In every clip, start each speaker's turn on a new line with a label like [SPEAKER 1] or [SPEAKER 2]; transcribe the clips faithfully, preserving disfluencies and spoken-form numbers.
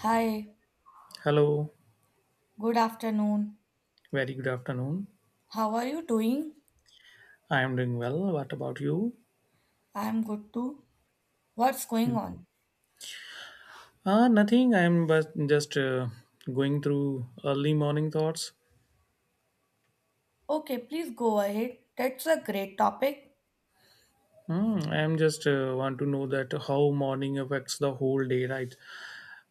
[SPEAKER 1] Hi,
[SPEAKER 2] Hello,
[SPEAKER 1] good afternoon.
[SPEAKER 2] very good afternoon.
[SPEAKER 1] How are you doing?
[SPEAKER 2] I am doing well. What about you?
[SPEAKER 1] I'm good too. What's going on?
[SPEAKER 2] Ah, nothing. I am but just uh, going through early morning thoughts.
[SPEAKER 1] Okay, please go ahead. That's a great topic.
[SPEAKER 2] Hmm, I am just uh, want to know that how morning affects the whole day, right?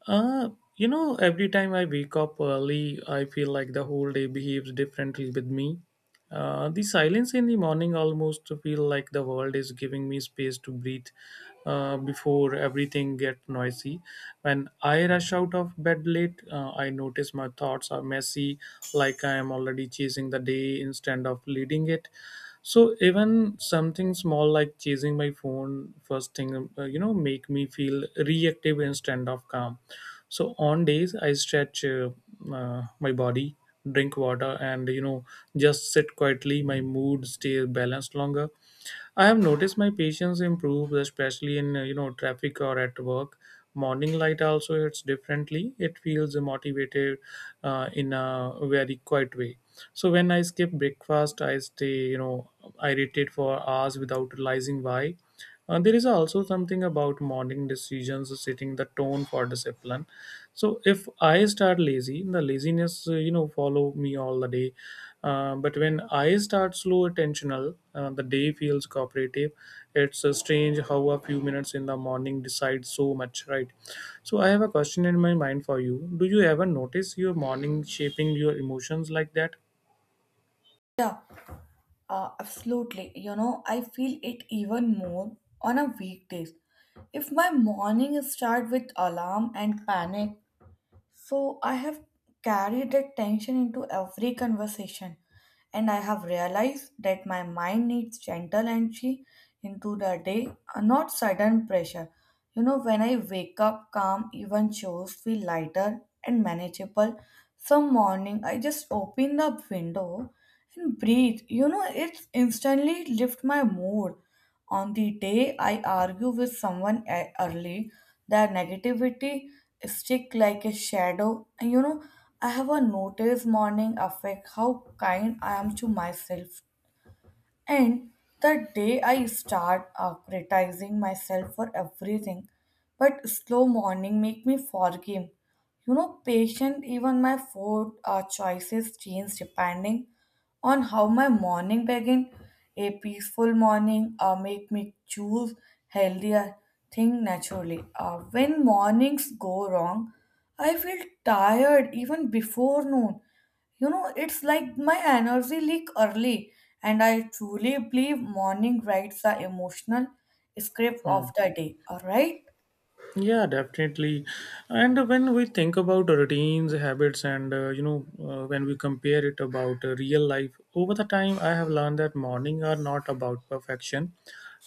[SPEAKER 2] Uh, you know, every time I wake up early, I feel like the whole day behaves differently with me. Uh, the silence in the morning almost feel like the world is giving me space to breathe uh, before everything get noisy. When I rush out of bed late, uh, I notice my thoughts are messy, like I am already chasing the day instead of leading it. So even something small like chasing my phone first thing, uh, you know, make me feel reactive instead of calm. So on days I stretch uh, uh, my body, drink water, and you know, just sit quietly, my mood stays balanced longer. I have noticed my patience improves, especially in uh, you know, traffic or at work. Morning light also hits differently. It feels motivated uh, in a very quiet way. So when I skip breakfast, I stay, you know, irritated for hours without realizing why. Uh, there is also something about morning decisions setting the tone for discipline. So if I start lazy, the laziness uh, you know, follow me all the day. Uh, but when I start slow attentional, uh, the day feels cooperative. It's uh, strange how a few minutes in the morning decide so much, right? So I have a question in my mind for you. Do you ever notice your morning shaping your emotions like that?
[SPEAKER 1] Yeah, uh, absolutely. You know, I feel it even more on a weekdays. If my morning start with alarm and panic, so I have carried that tension into every conversation, and I have realized that my mind needs gentle entry into the day, uh, not sudden pressure. You know, when I wake up calm, even chores feel lighter and manageable. Some morning, I just open the window and breathe. You know, it instantly lift my mood. On the day I argue with someone e- early, the negativity stick like a shadow. And you know, I have a noticed morning affect how kind I am to myself, and the day I start uh, criticizing myself for everything, but slow morning make me forgive. You know, patient, even my food uh, choices change depending on how my morning begin. A peaceful morning uh, make me choose healthier thing naturally. Uh, when mornings go wrong, I feel tired even before noon. You know, it's like my energy leak early, and I truly believe morning writes the emotional script
[SPEAKER 2] Hmm.
[SPEAKER 1] of the day. All right.
[SPEAKER 2] Yeah, definitely. And when we think about routines, habits, and uh, you know, uh, when we compare it about uh, real life over the time, I have learned that morning are not about perfection,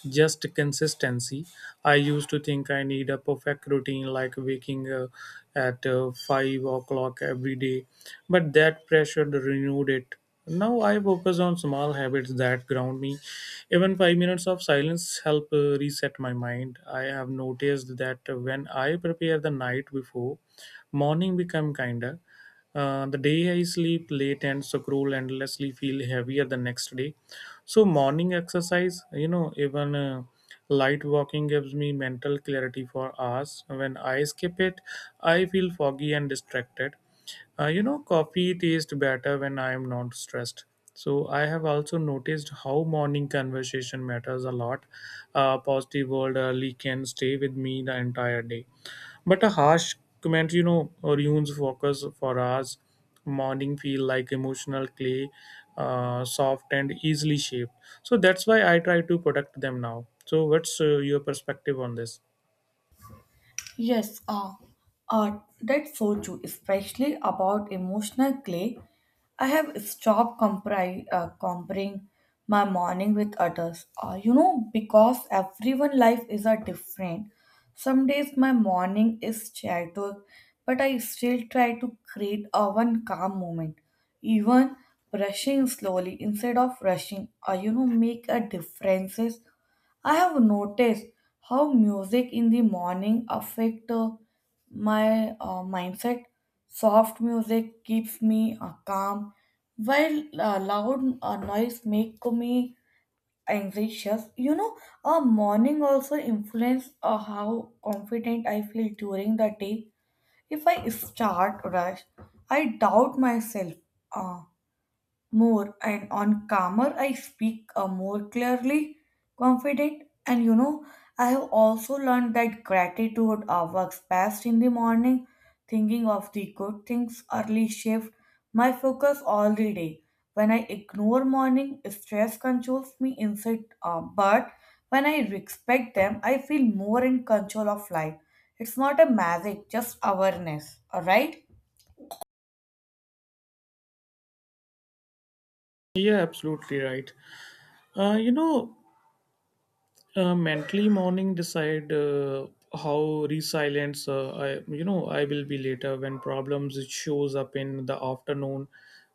[SPEAKER 2] just consistency. I used to think I need a perfect routine like waking uh, at uh, five o'clock every day, but that pressure renewed it. Now I focus on small habits that ground me. Even five minutes of silence help uh, reset my mind. I have noticed that when I prepare the night before, morning become kinder. Uh, the day I sleep late and scroll endlessly feel heavier the next day. So morning exercise, you know, even uh, light walking gives me mental clarity for hours. When I skip it, I feel foggy and distracted. Uh, you know, coffee tastes better when I am not stressed. So I have also noticed how morning conversation matters a lot. Uh, positive word early can stay with me the entire day, but a harsh comment, you know, ruins focus for us. Morning feel like emotional clay, uh, soft and easily shaped. So that's why I try to protect them now. So what's uh, your perspective on this?
[SPEAKER 1] Yes, uh, uh, that's so true, especially about emotional clay. I have stopped compri- uh, comparing my morning with others, uh, you know, because everyone' life is a different. Some days my morning is chaotic, but I still try to create a one calm moment. Even brushing slowly instead of rushing, uh, you know, make a differences. I have noticed how music in the morning affect uh, my uh, mindset. Soft music keeps me uh, calm, while uh, loud uh, noise make me anxious. You know, uh, morning also influence uh, how confident I feel during the day. If I start rush, I doubt myself. Uh, More and on calmer I speak uh, more clearly confident. And you know, I have also learned that gratitude uh, works best in the morning. Thinking of the good things early shift my focus all the day. When I ignore morning, stress controls me inside, uh, but when I respect them, I feel more in control of life. It's not a magic, just awareness. All right.
[SPEAKER 2] Yeah, absolutely right. Uh, you know, uh, mentally morning decide uh, how resilient uh, I, you know, I will be later when problems it shows up in the afternoon.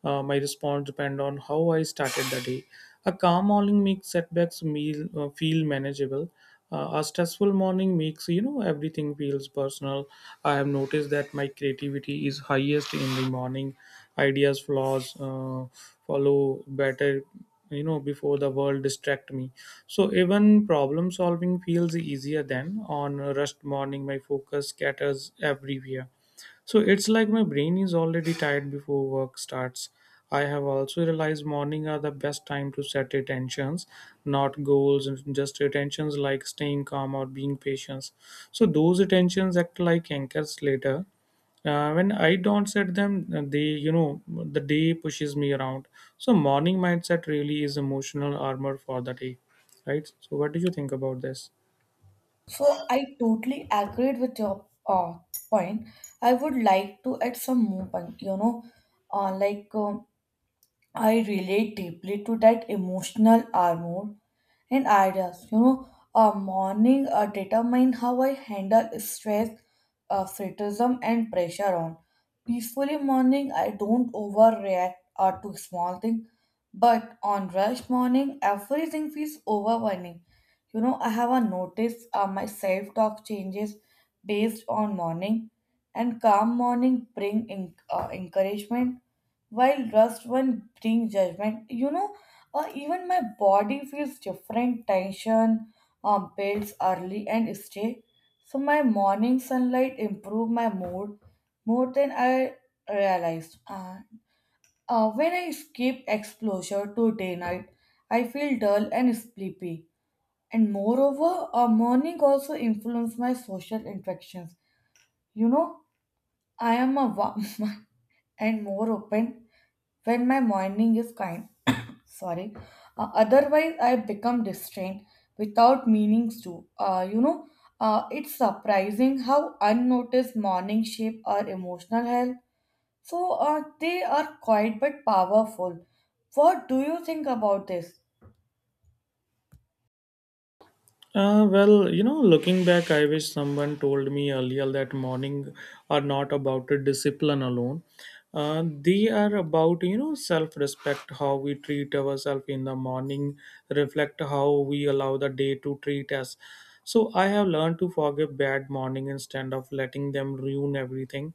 [SPEAKER 2] Uh, my response depend on how I started the day. A calm morning makes setbacks meal, uh, feel manageable. Uh, a stressful morning makes, you know, everything feels personal. I have noticed that my creativity is highest in the morning. Ideas flaws uh, follow better, you know, before the world distract me. So even problem solving feels easier than on a rushed morning my focus scatters everywhere. So it's like my brain is already tired before work starts. I have also realized morning are the best time to set attentions, not goals, and just attentions like staying calm or being patient. So those attentions act like anchors later. Uh, when I don't set them, uh, they, you know, the day pushes me around. So morning mindset really is emotional armor for the day, right? So what do you think about this?
[SPEAKER 1] So I totally agreed with your uh, point. I would like to add some more point, you know, uh, like um I relate deeply to that emotional armor and ideas. You know, a morning uh, determine how I handle stress, uh, criticism, and pressure on. Peacefully morning, I don't overreact uh, to small things, but on rush morning, everything feels overwhelming. You know, I have a notice uh, my self talk changes based on morning, and calm morning bring in, uh, encouragement, while rust one bring judgment. You know, or even my body feels different. Tension um, builds early and stay. So my morning sunlight improve my mood more than I realized. And uh, when I skip exposure to day night, I feel dull and sleepy. And moreover, uh, morning also influence my social interactions. You know, I am a warm one and more open when my morning is kind. Sorry. Uh, otherwise, I become distrained without meanings to. Uh, you know, uh, it's surprising how unnoticed morning shape our emotional health. So uh, they are quiet but powerful. What do you think about this?
[SPEAKER 2] Uh, well, you know, looking back, I wish someone told me earlier that morning are not about a discipline alone. Uh, they are about, you know, self respect, how we treat ourselves in the morning, reflect how we allow the day to treat us. So I have learned to forgive bad morning instead of letting them ruin everything.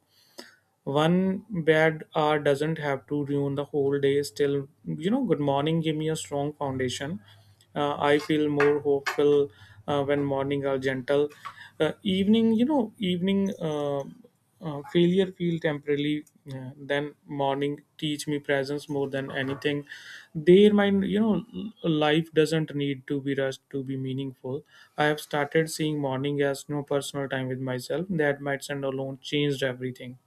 [SPEAKER 2] One bad hour doesn't have to ruin the whole day. Still, you know, good morning give me a strong foundation. Uh, I feel more hopeful uh, when morning are gentle. Uh, evening, you know, evening uh, uh, failure feel temporarily. Uh, then morning teach me presence more than anything. Their mind, you know, l- life doesn't need to be rushed to be meaningful. I have started seeing morning as no personal time with myself. That might and alone changed everything.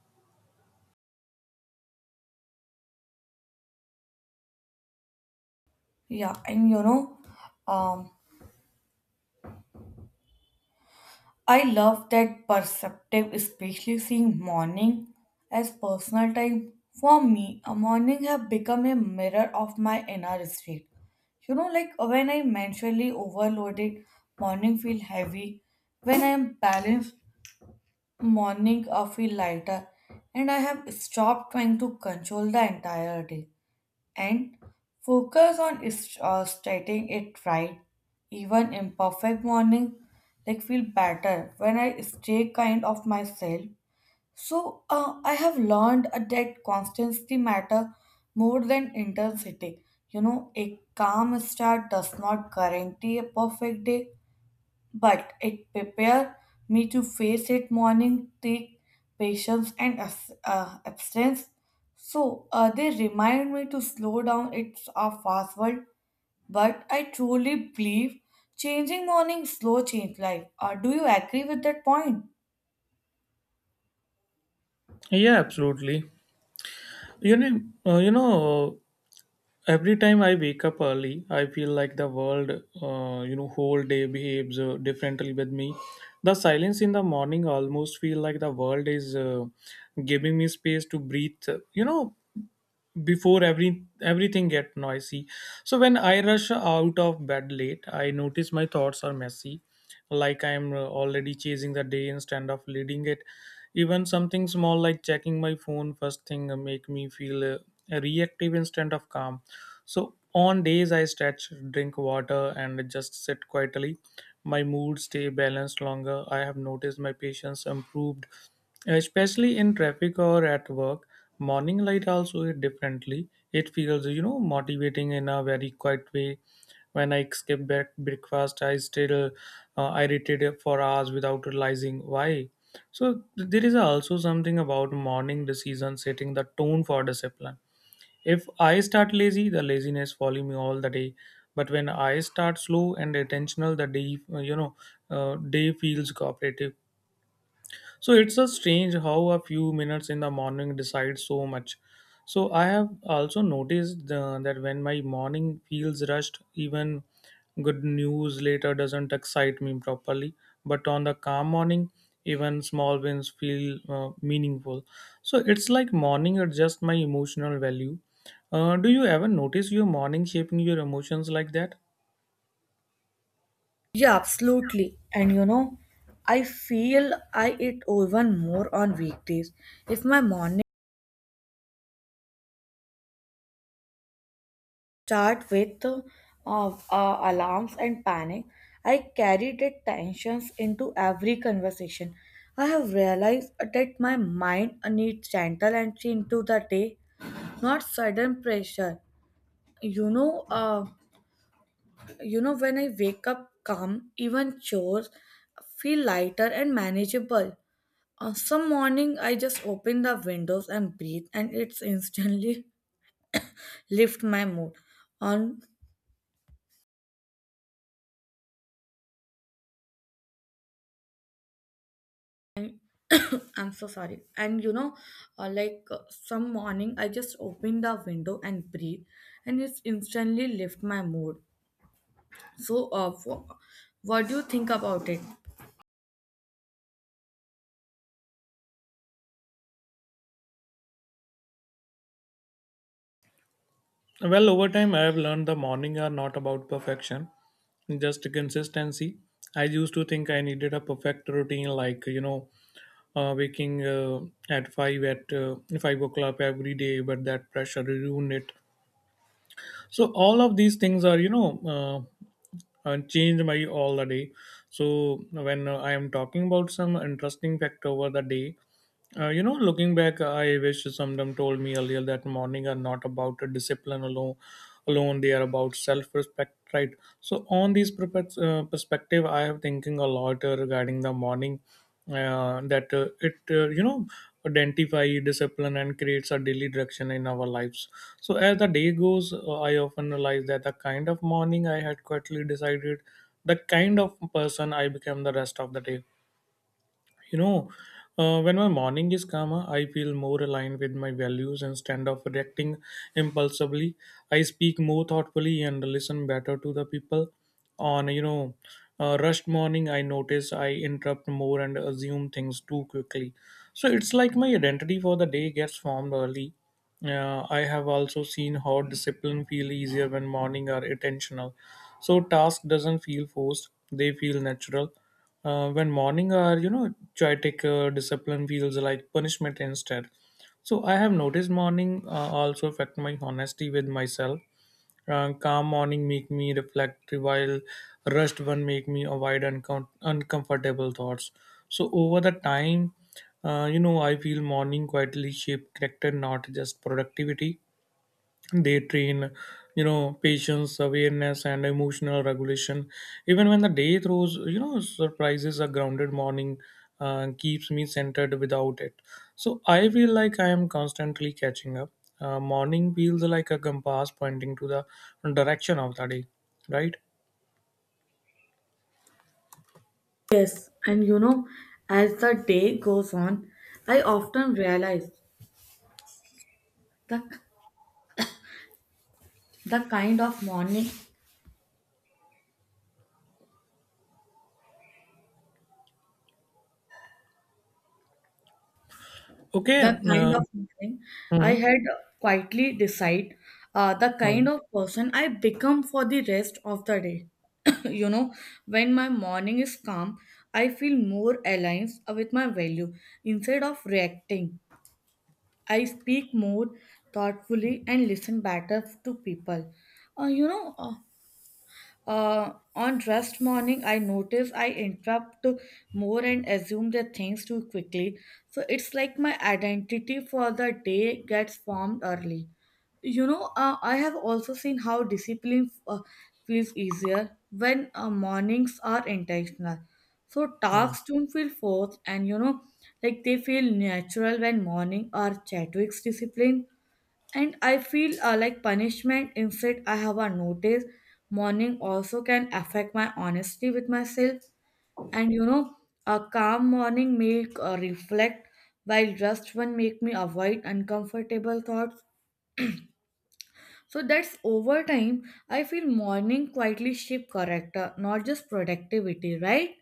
[SPEAKER 1] Yeah, and you know, um, I love that perspective, especially seeing morning as personal time. For me, a morning have become a mirror of my inner state. You know, like when I'm mentally overloaded, morning feel heavy. When I'm balanced, morning I feel lighter, and I have stopped trying to control the entire day and focus on is- uh, stating it right. Even imperfect morning, like feel better when I stay kind of myself. So uh, I have learned uh, that constancy matter more than intensity. You know, a calm start does not guarantee a perfect day, but it prepared me to face it. Morning take patience and abs- uh, abstinence. So uh, they remind me to slow down. It's a fast world, but I truly believe changing morning slow change life. Uh, do you agree with that point?
[SPEAKER 2] Yeah, absolutely. You know, uh, you know, every time I wake up early, I feel like the world, uh, you know, whole day behaves uh, differently with me. The silence in the morning almost feel like the world is uh, giving me space to breathe. You know, before every everything get noisy. So when I rush out of bed late, I notice my thoughts are messy, like I'm uh, already chasing the day instead of leading it. Even something small like checking my phone first thing, uh, make me feel uh, reactive instead of calm. So on days I stretch, drink water, and just sit quietly, my mood stay balanced longer. I have noticed my patience improved, especially in traffic or at work. Morning light also hit differently. It feels, you know, motivating in a very quiet way. When I skip back breakfast, I still uh, irritated for hours without realizing why. So th- there is also something about morning decision setting the tone for discipline. If I start lazy, the laziness follow me all the day. But when I start slow and intentional, the day, you know, uh, day feels cooperative. So it's a strange how a few minutes in the morning decide so much. So I have also noticed uh, that when my morning feels rushed, even good news later doesn't excite me properly. But on the calm morning, even small wins feel uh, meaningful. So it's like morning adjusts my emotional value. Uh, do you ever notice your morning shaping your emotions like that?
[SPEAKER 1] Yeah, absolutely. And you know, I feel I eat even more on weekdays. If my morning start with uh, uh, alarms and panic. I carried that tensions into every conversation. I have realized that my mind needs gentle entry into the day, not sudden pressure. You know, uh, you know when I wake up calm, even chores feel lighter and manageable. On some morning, I just open the windows and breathe, and it's instantly lift my mood. On I'm so sorry. And you know, uh, like uh, some morning, I just opened the window and breathe, and it's instantly lift my mood. So, uh, wh- what do you think about it?
[SPEAKER 2] Well, over time, I have learned the morning are not about perfection, just consistency. I used to think I needed a perfect routine like, you know, uh, waking uh, at 5 at uh, five o'clock every day, but that pressure ruined it. So all of these things are, you know, uh, uh, change my all the day. So when uh, I am talking about some interesting fact over the day, uh, you know, looking back, I wish someone told me earlier that morning are not about discipline alone. Alone they are about self-respect, right? So on these perpec- uh, perspective I have thinking a lot uh, regarding the morning, uh, that uh, it, uh, you know, identify discipline and creates a daily direction in our lives. So as the day goes, uh, I often realize that the kind of morning I had quietly decided the kind of person I became the rest of the day. You know, uh, when my morning is calmer, I feel more aligned with my values instead of reacting impulsively. I speak more thoughtfully and listen better to the people. On, you know, uh, rushed morning, I notice I interrupt more and assume things too quickly. So it's like my identity for the day gets formed early. Uh, I have also seen how discipline feel easier when morning are intentional. So task doesn't feel forced, they feel natural. Uh, when morning are, you know, chaotic, uh, discipline feels like punishment instead. So I have noticed morning uh, also affect my honesty with myself. Uh, calm morning make me reflect, while rushed one make me avoid uncom- uncomfortable thoughts. So over the time, uh, you know, I feel morning quietly shape character, not just productivity. They train, you know, patience, awareness, and emotional regulation. Even when the day throws, you know, surprises, a grounded morning uh, keeps me centered. Without it, so I feel like I am constantly catching up. Uh, morning feels like a compass pointing to the direction of the day, right?
[SPEAKER 1] Yes, and you know, as the day goes on, I often realize the the kind of morning,
[SPEAKER 2] Okay.
[SPEAKER 1] the kind
[SPEAKER 2] Uh,
[SPEAKER 1] of morning I
[SPEAKER 2] hmm,
[SPEAKER 1] had quietly decide uh, the
[SPEAKER 2] hmm,
[SPEAKER 1] kind of person I become for the rest of the day. You know, when my morning is calm, I feel more aligned with my value. Instead of reacting, I speak more thoughtfully and listen better to people. Uh, you know, uh, uh, on rest morning, I notice I interrupt more and assume the things too quickly. So it's like my identity for the day gets formed early. You know, uh, I have also seen how discipline uh, feels easier when uh, mornings are intentional. So
[SPEAKER 2] hmm.
[SPEAKER 1] tasks don't feel forced, and you know, like they feel natural when morning or Chadwick's discipline. And I feel uh, like punishment instead. I have a notice morning also can affect my honesty with myself. And you know, a calm morning make uh, reflect, while just one make me avoid uncomfortable thoughts. So that's over time I feel morning quietly shape character, not just productivity, right?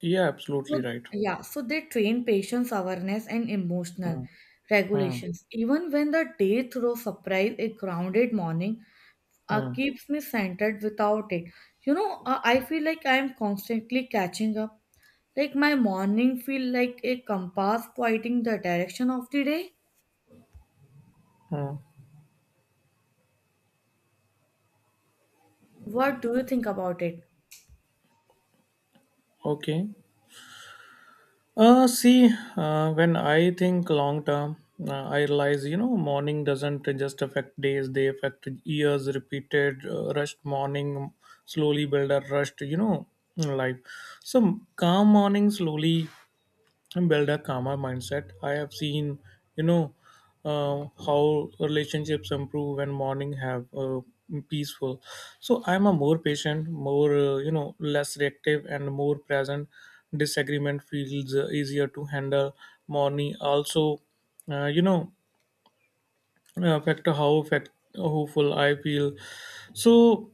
[SPEAKER 2] Yeah,
[SPEAKER 1] So
[SPEAKER 2] absolutely right.
[SPEAKER 1] yeah, so they train patience, awareness, and emotional
[SPEAKER 2] Hmm, hmm,
[SPEAKER 1] regulations. Even when the day throws surprise, a grounded morning uh,
[SPEAKER 2] hmm,
[SPEAKER 1] keeps me centered without it. You know, uh, I feel like I am constantly catching up. Like my morning feel like a compass pointing the direction of the day.
[SPEAKER 2] hmm.
[SPEAKER 1] What do you think about it?
[SPEAKER 2] Okay. Uh, see, uh, when I think long term, uh, I realize, you know, morning doesn't just affect days, they affect years. Repeated uh, rushed morning slowly build a rushed, you know, life. So calm morning slowly and build a calmer mindset. I have seen, you know, uh, how relationships improve when morning have uh, peaceful. So I'm a more patient, more, uh, you know, less reactive and more present. Disagreement feels uh, easier to handle. Morning also, uh, you know, affect how affect hopeful I feel. So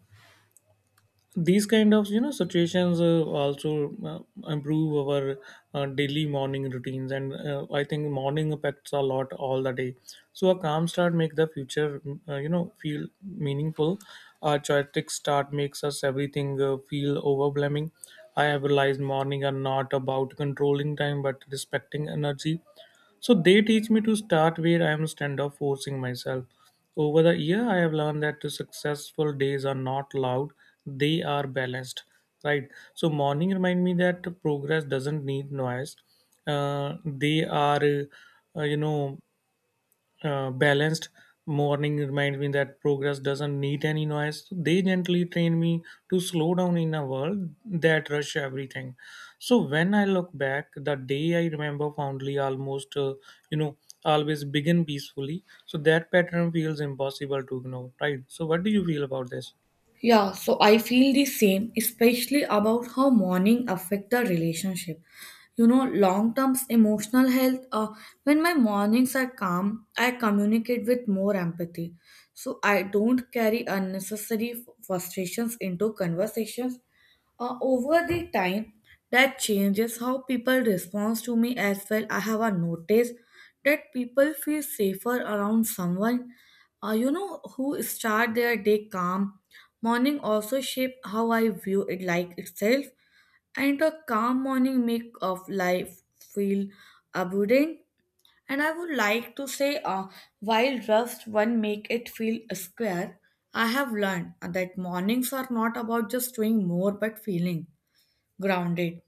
[SPEAKER 2] these kind of you know situations uh, also uh, improve our uh, daily morning routines and uh, I think morning affects a lot all the day. So a calm start make the future, uh, you know feel meaningful. A chaotic start makes us everything uh, feel overwhelming. I have realized morning are not about controlling time but respecting energy, so they teach me to start where I am instead of forcing myself. Over the year, I have learned that the successful days are not loud; they are balanced. Right. So morning remind me that progress doesn't need noise. Uh, they are, uh, you know, uh, balanced. Morning reminds me that progress doesn't need any noise. So they gently train me to slow down in a world that rush everything. So when I look back, the day I remember fondly almost, uh, you know, always begin peacefully. So that pattern feels impossible to ignore, right? So what do you feel about this?
[SPEAKER 1] Yeah, so I feel the same, especially about how morning affect the relationship. You know, long term emotional health. Uh, when my mornings are calm, I communicate with more empathy. So I don't carry unnecessary frustrations into conversations. Uh, over the time, that changes how people respond to me as well. I have a notice that people feel safer around someone uh, you know, who start their day calm. Morning also shape how I view it like itself, and a calm morning make of life feel abundant. And I would like to say, uh, while rust one make it feel square, I have learned that mornings are not about just doing more but feeling grounded,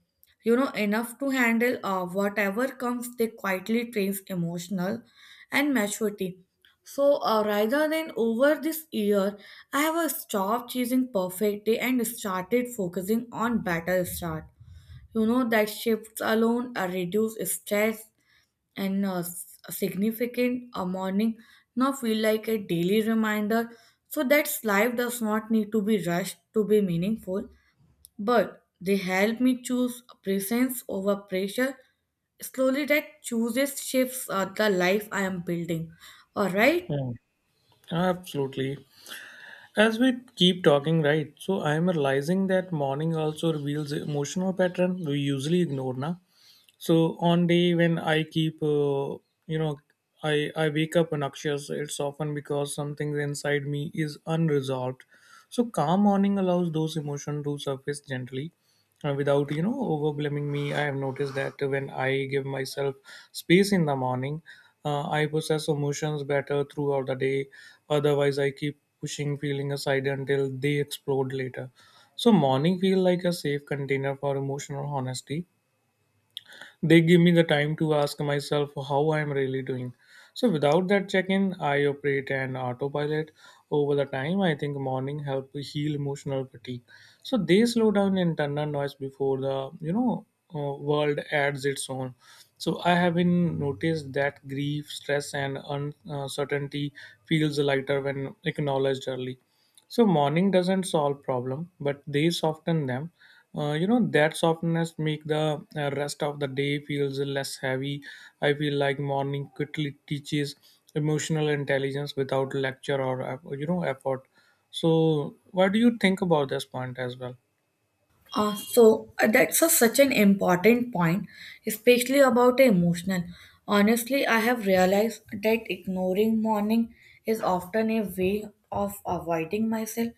[SPEAKER 1] you know, enough to handle uh, whatever comes. They quietly trains emotional and maturity. So uh, rather than over this year, I have uh, stopped chasing perfect day and started focusing on better start. You know, that shifts alone uh, reduce stress, and uh, s- significant uh, morning now feel like a daily reminder, so that life does not need to be rushed to be meaningful, but they help me choose presence over pressure. Slowly, that chooses shifts uh, the life I am building. All right.
[SPEAKER 2] Hmm. Absolutely. As we keep talking, right? So I am realizing that morning also reveals emotional pattern we usually ignore, na? So on day when I keep, uh, you know, I I wake up anxious. It's often because something inside me is unresolved. So calm morning allows those emotions to surface gently, uh, without you know overblaming me. I have noticed that when I give myself space in the morning, uh, I process emotions better throughout the day. Otherwise, I keep pushing feeling aside until they explode later. So morning feel like a safe container for emotional honesty. They give me the time to ask myself how I'm really doing. So without that check-in, I operate an autopilot. Over the time, I think morning help heal emotional fatigue. So they slow down internal noise before the you know uh, world adds its own. So I have been noticed that grief, stress, and uncertainty feels lighter when acknowledged early. So morning doesn't solve problem, but they soften them. Uh, you know that softness make the uh, rest of the day feels less heavy. I feel like morning quickly teaches emotional intelligence without lecture or eff- you know effort. So, what do you think about this point as well?
[SPEAKER 1] Uh, so uh, that's a, such an important point, especially about emotional. Honestly, I have realized that ignoring morning is often a way of avoiding myself.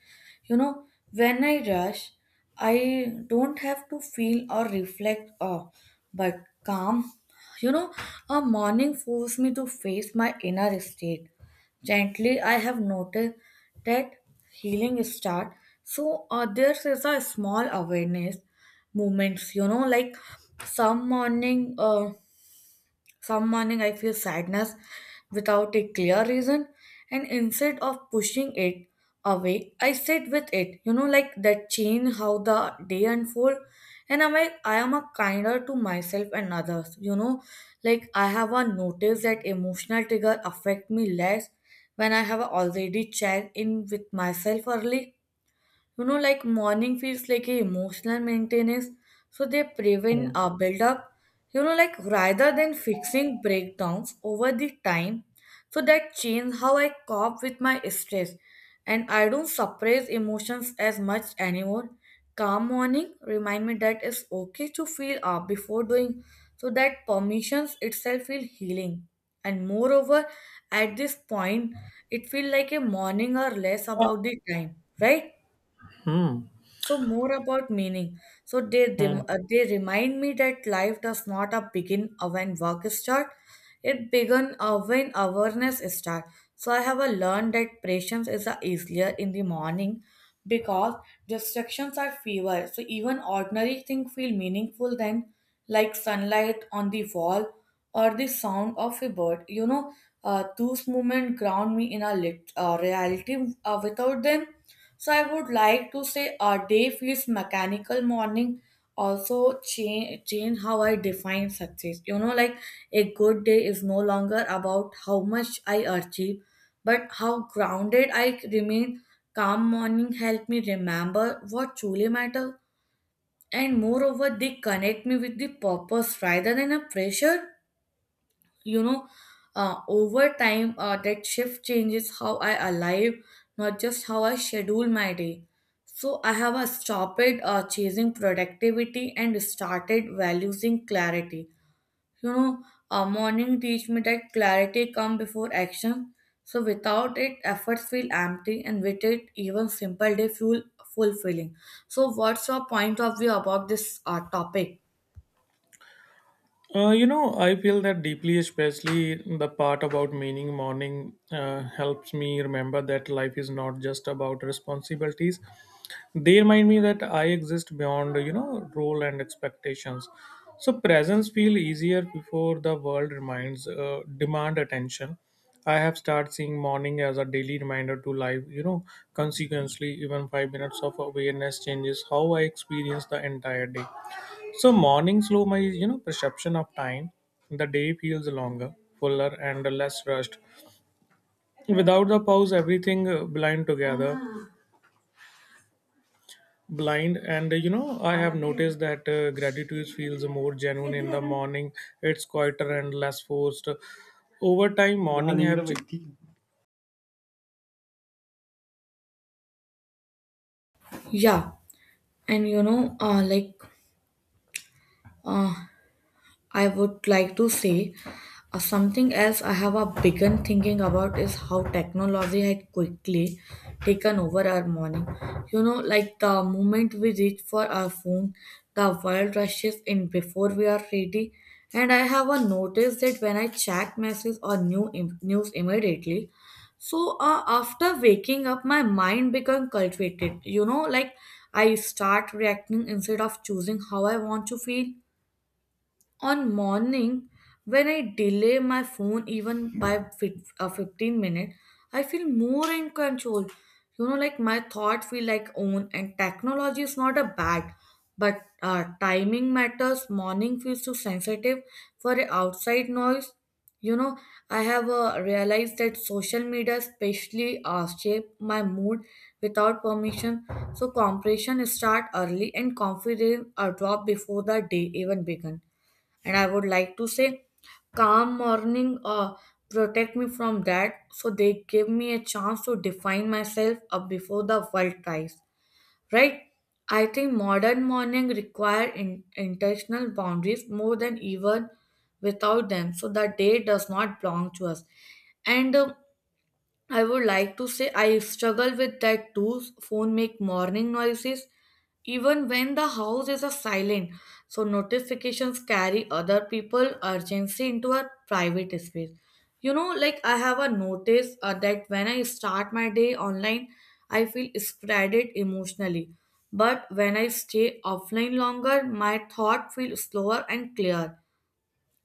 [SPEAKER 1] You know, when I rush, I don't have to feel or reflect, uh, but calm. You know, a morning forced me to face my inner state gently. I have noticed that healing start. So uh, there is a small awareness moments, you know, like some morning. Uh, some morning I feel sadness without a clear reason, and instead of pushing it away, I sit with it. You know, like that change how the day unfold, and am I I am a kinder to myself and others. You know, like I have a notice that emotional trigger affect me less when I have already checked in with myself early. You know, like morning feels like a emotional maintenance, so they
[SPEAKER 2] Hmm.
[SPEAKER 1] prevent a buildup, you know, like rather than fixing breakdowns over the time. So that change how I cope with my stress, and I don't suppress emotions as much anymore. Calm morning remind me that it's okay to feel up before doing, so that permissions itself feel healing. And moreover, at this point, it feel like a morning or less
[SPEAKER 2] Uh,
[SPEAKER 1] about the time, right? So more about meaning. So they
[SPEAKER 2] hmm.
[SPEAKER 1] rem- uh, they remind me that life does not uh, begin uh, when work start. It began uh, when awareness start. So I have uh, learned that patience is uh, easier in the morning because distractions are fewer. So even ordinary things feel meaningful then, like sunlight on the wall or the sound of a bird. You know, uh, those moments ground me in a lit- uh, reality. Uh, without them so I would like to say a day feels mechanical morning also change change how I define success. You know, like a good day is no longer about how much I achieve, but how grounded I remain. Calm morning help me remember what truly matters, and moreover they connect me with the purpose rather than a pressure, you know uh, over time uh, that shift changes how I alive, not just how I schedule my day. So I have uh, stopped uh, chasing productivity and started valuing clarity, you know uh, morning teach me that clarity come before action. So without it efforts feel empty and with it even simple day feel fulfilling. So what's your point of view about this uh, topic?
[SPEAKER 2] Uh, you know, I feel that deeply, especially the part about meaning. Morning uh, helps me remember that life is not just about responsibilities. They remind me that I exist beyond, you know, role and expectations. So presence feel easier before the world reminds uh, demand attention. I have started seeing morning as a daily reminder to life. You know, consequently, even five minutes of awareness changes how I experience the entire day. So morning slow my you know perception of time. The day feels longer, fuller, and less rushed. Without the pause, everything uh, blind together, blind. And uh, you know, I have noticed that uh, gratitude feels more genuine in the morning. It's quieter and less forced. Over time, morning have.
[SPEAKER 1] Yeah, and you know uh, like uh, I would like to say uh, something else I have a begun thinking about is how technology had quickly taken over our morning. You know, like the moment we reach for our phone, the world rushes in before we are ready. And I have a notice that when I check messages or new im- news immediately, so uh, after waking up, my mind become cultivated. You know, like I start reacting instead of choosing how I want to feel on morning. When I delay my phone even by fif- uh, fifteen minutes I feel more in control, you know, like my thought feel like own, and technology is not a bad but uh, timing matters. Morning feels too sensitive for a outside noise, you know. I have uh, realized that social media especially uh, shape my mood without permission. So compression start early and confidence uh, drop before the day even begin. And I would like to say, calm morning uh, protect me from that. So they give me a chance to define myself up before the world tries. Right? I think modern morning require in- intentional boundaries more than even without them. So the day does not belong to us. And uh, I would like to say I struggle with that too. Phone make morning noises even when the house is a silent. So notifications carry other people urgency into a private space. You know, like I have a notice uh, that when I start my day online, I feel spreaded emotionally. But when I stay offline longer, my thought feel slower and clear.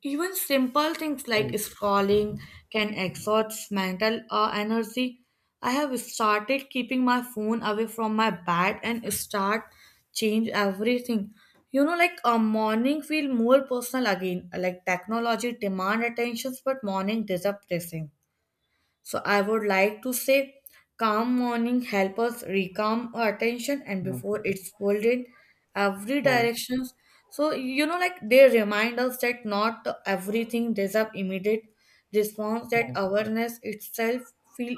[SPEAKER 1] Even simple things like
[SPEAKER 2] Hmm,
[SPEAKER 1] scrolling can exhaust mental uh, energy. I have started keeping my phone away from my bed and start change everything. You know, like a morning feel more personal again. Like technology demand attentions, but morning disappressing. So I would like to say calm morning help us recalm our attention and
[SPEAKER 2] hmm,
[SPEAKER 1] before it's pulled in every
[SPEAKER 2] hmm,
[SPEAKER 1] directions. So you know like they remind us that not everything deserves immediate response, that
[SPEAKER 2] hmm,
[SPEAKER 1] awareness itself feel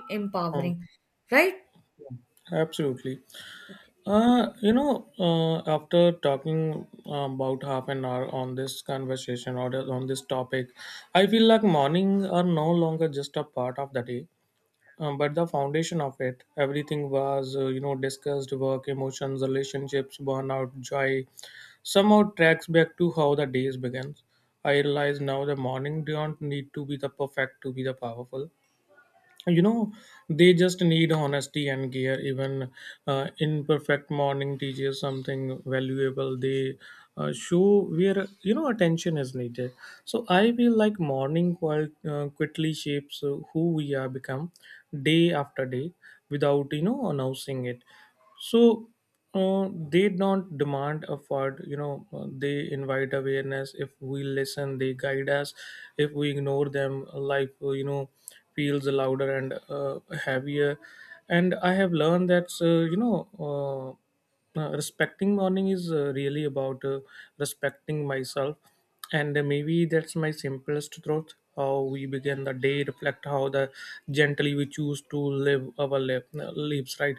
[SPEAKER 2] hmm.
[SPEAKER 1] empowering. Right?
[SPEAKER 2] Absolutely. Uh, you know, uh, after talking uh, about half an hour on this conversation or on this topic, I feel like morning are no longer just a part of the day, um, but the foundation of it. Everything was, uh, you know, discussed work, emotions, relationships, burnout, joy, somehow tracks back to how the days begins. I realize now the morning don't need to be the perfect to be the powerful, you know they just need honesty and gear. Even uh, imperfect morning teaches something valuable. They uh, show where you know attention is needed. So I feel like morning quite, uh, quickly shapes uh, who we are become day after day without you know announcing it. So uh, they don't demand effort, you know uh, they invite awareness. If we listen, they guide us. If we ignore them, life, uh, you know feels louder and uh, heavier. And I have learned that uh, you know uh, uh, respecting morning is uh, really about uh, respecting myself. And uh, maybe that's my simplest truth: how we begin the day reflect how the gently we choose to live our life, lives, right?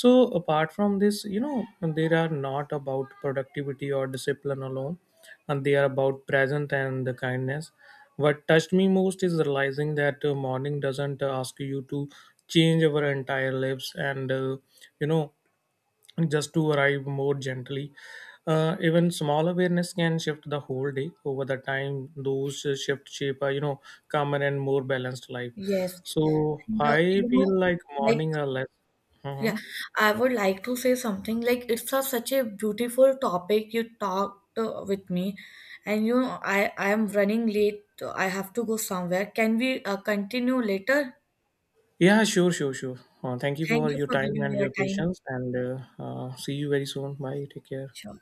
[SPEAKER 2] So apart from this, you know, they are not about productivity or discipline alone, and they are about present and the kindness. What touched me most is realizing that uh, morning doesn't uh, ask you to change our entire lives and uh, you know just to arrive more gently. Uh, even small awareness can shift the whole day. Over the time, those uh, shift shape a, you know calmer and more balanced life.
[SPEAKER 1] Yes.
[SPEAKER 2] So
[SPEAKER 1] And, uh,
[SPEAKER 2] I
[SPEAKER 1] you know
[SPEAKER 2] feel like
[SPEAKER 1] like
[SPEAKER 2] morning are less.
[SPEAKER 1] yeah,
[SPEAKER 2] Mhm.
[SPEAKER 1] I would like to say something like it's a, such a beautiful topic you talked uh, with me, and you know, I I am running late. uh, I have to go somewhere. Can we uh, continue later?
[SPEAKER 2] Yeah, sure, sure, sure. Uh, thank you
[SPEAKER 1] Thank
[SPEAKER 2] for
[SPEAKER 1] you
[SPEAKER 2] your
[SPEAKER 1] for
[SPEAKER 2] time
[SPEAKER 1] giving
[SPEAKER 2] and
[SPEAKER 1] me your
[SPEAKER 2] your
[SPEAKER 1] time.
[SPEAKER 2] patience, and uh, uh, see you very soon. Bye. Take care.
[SPEAKER 1] Sure.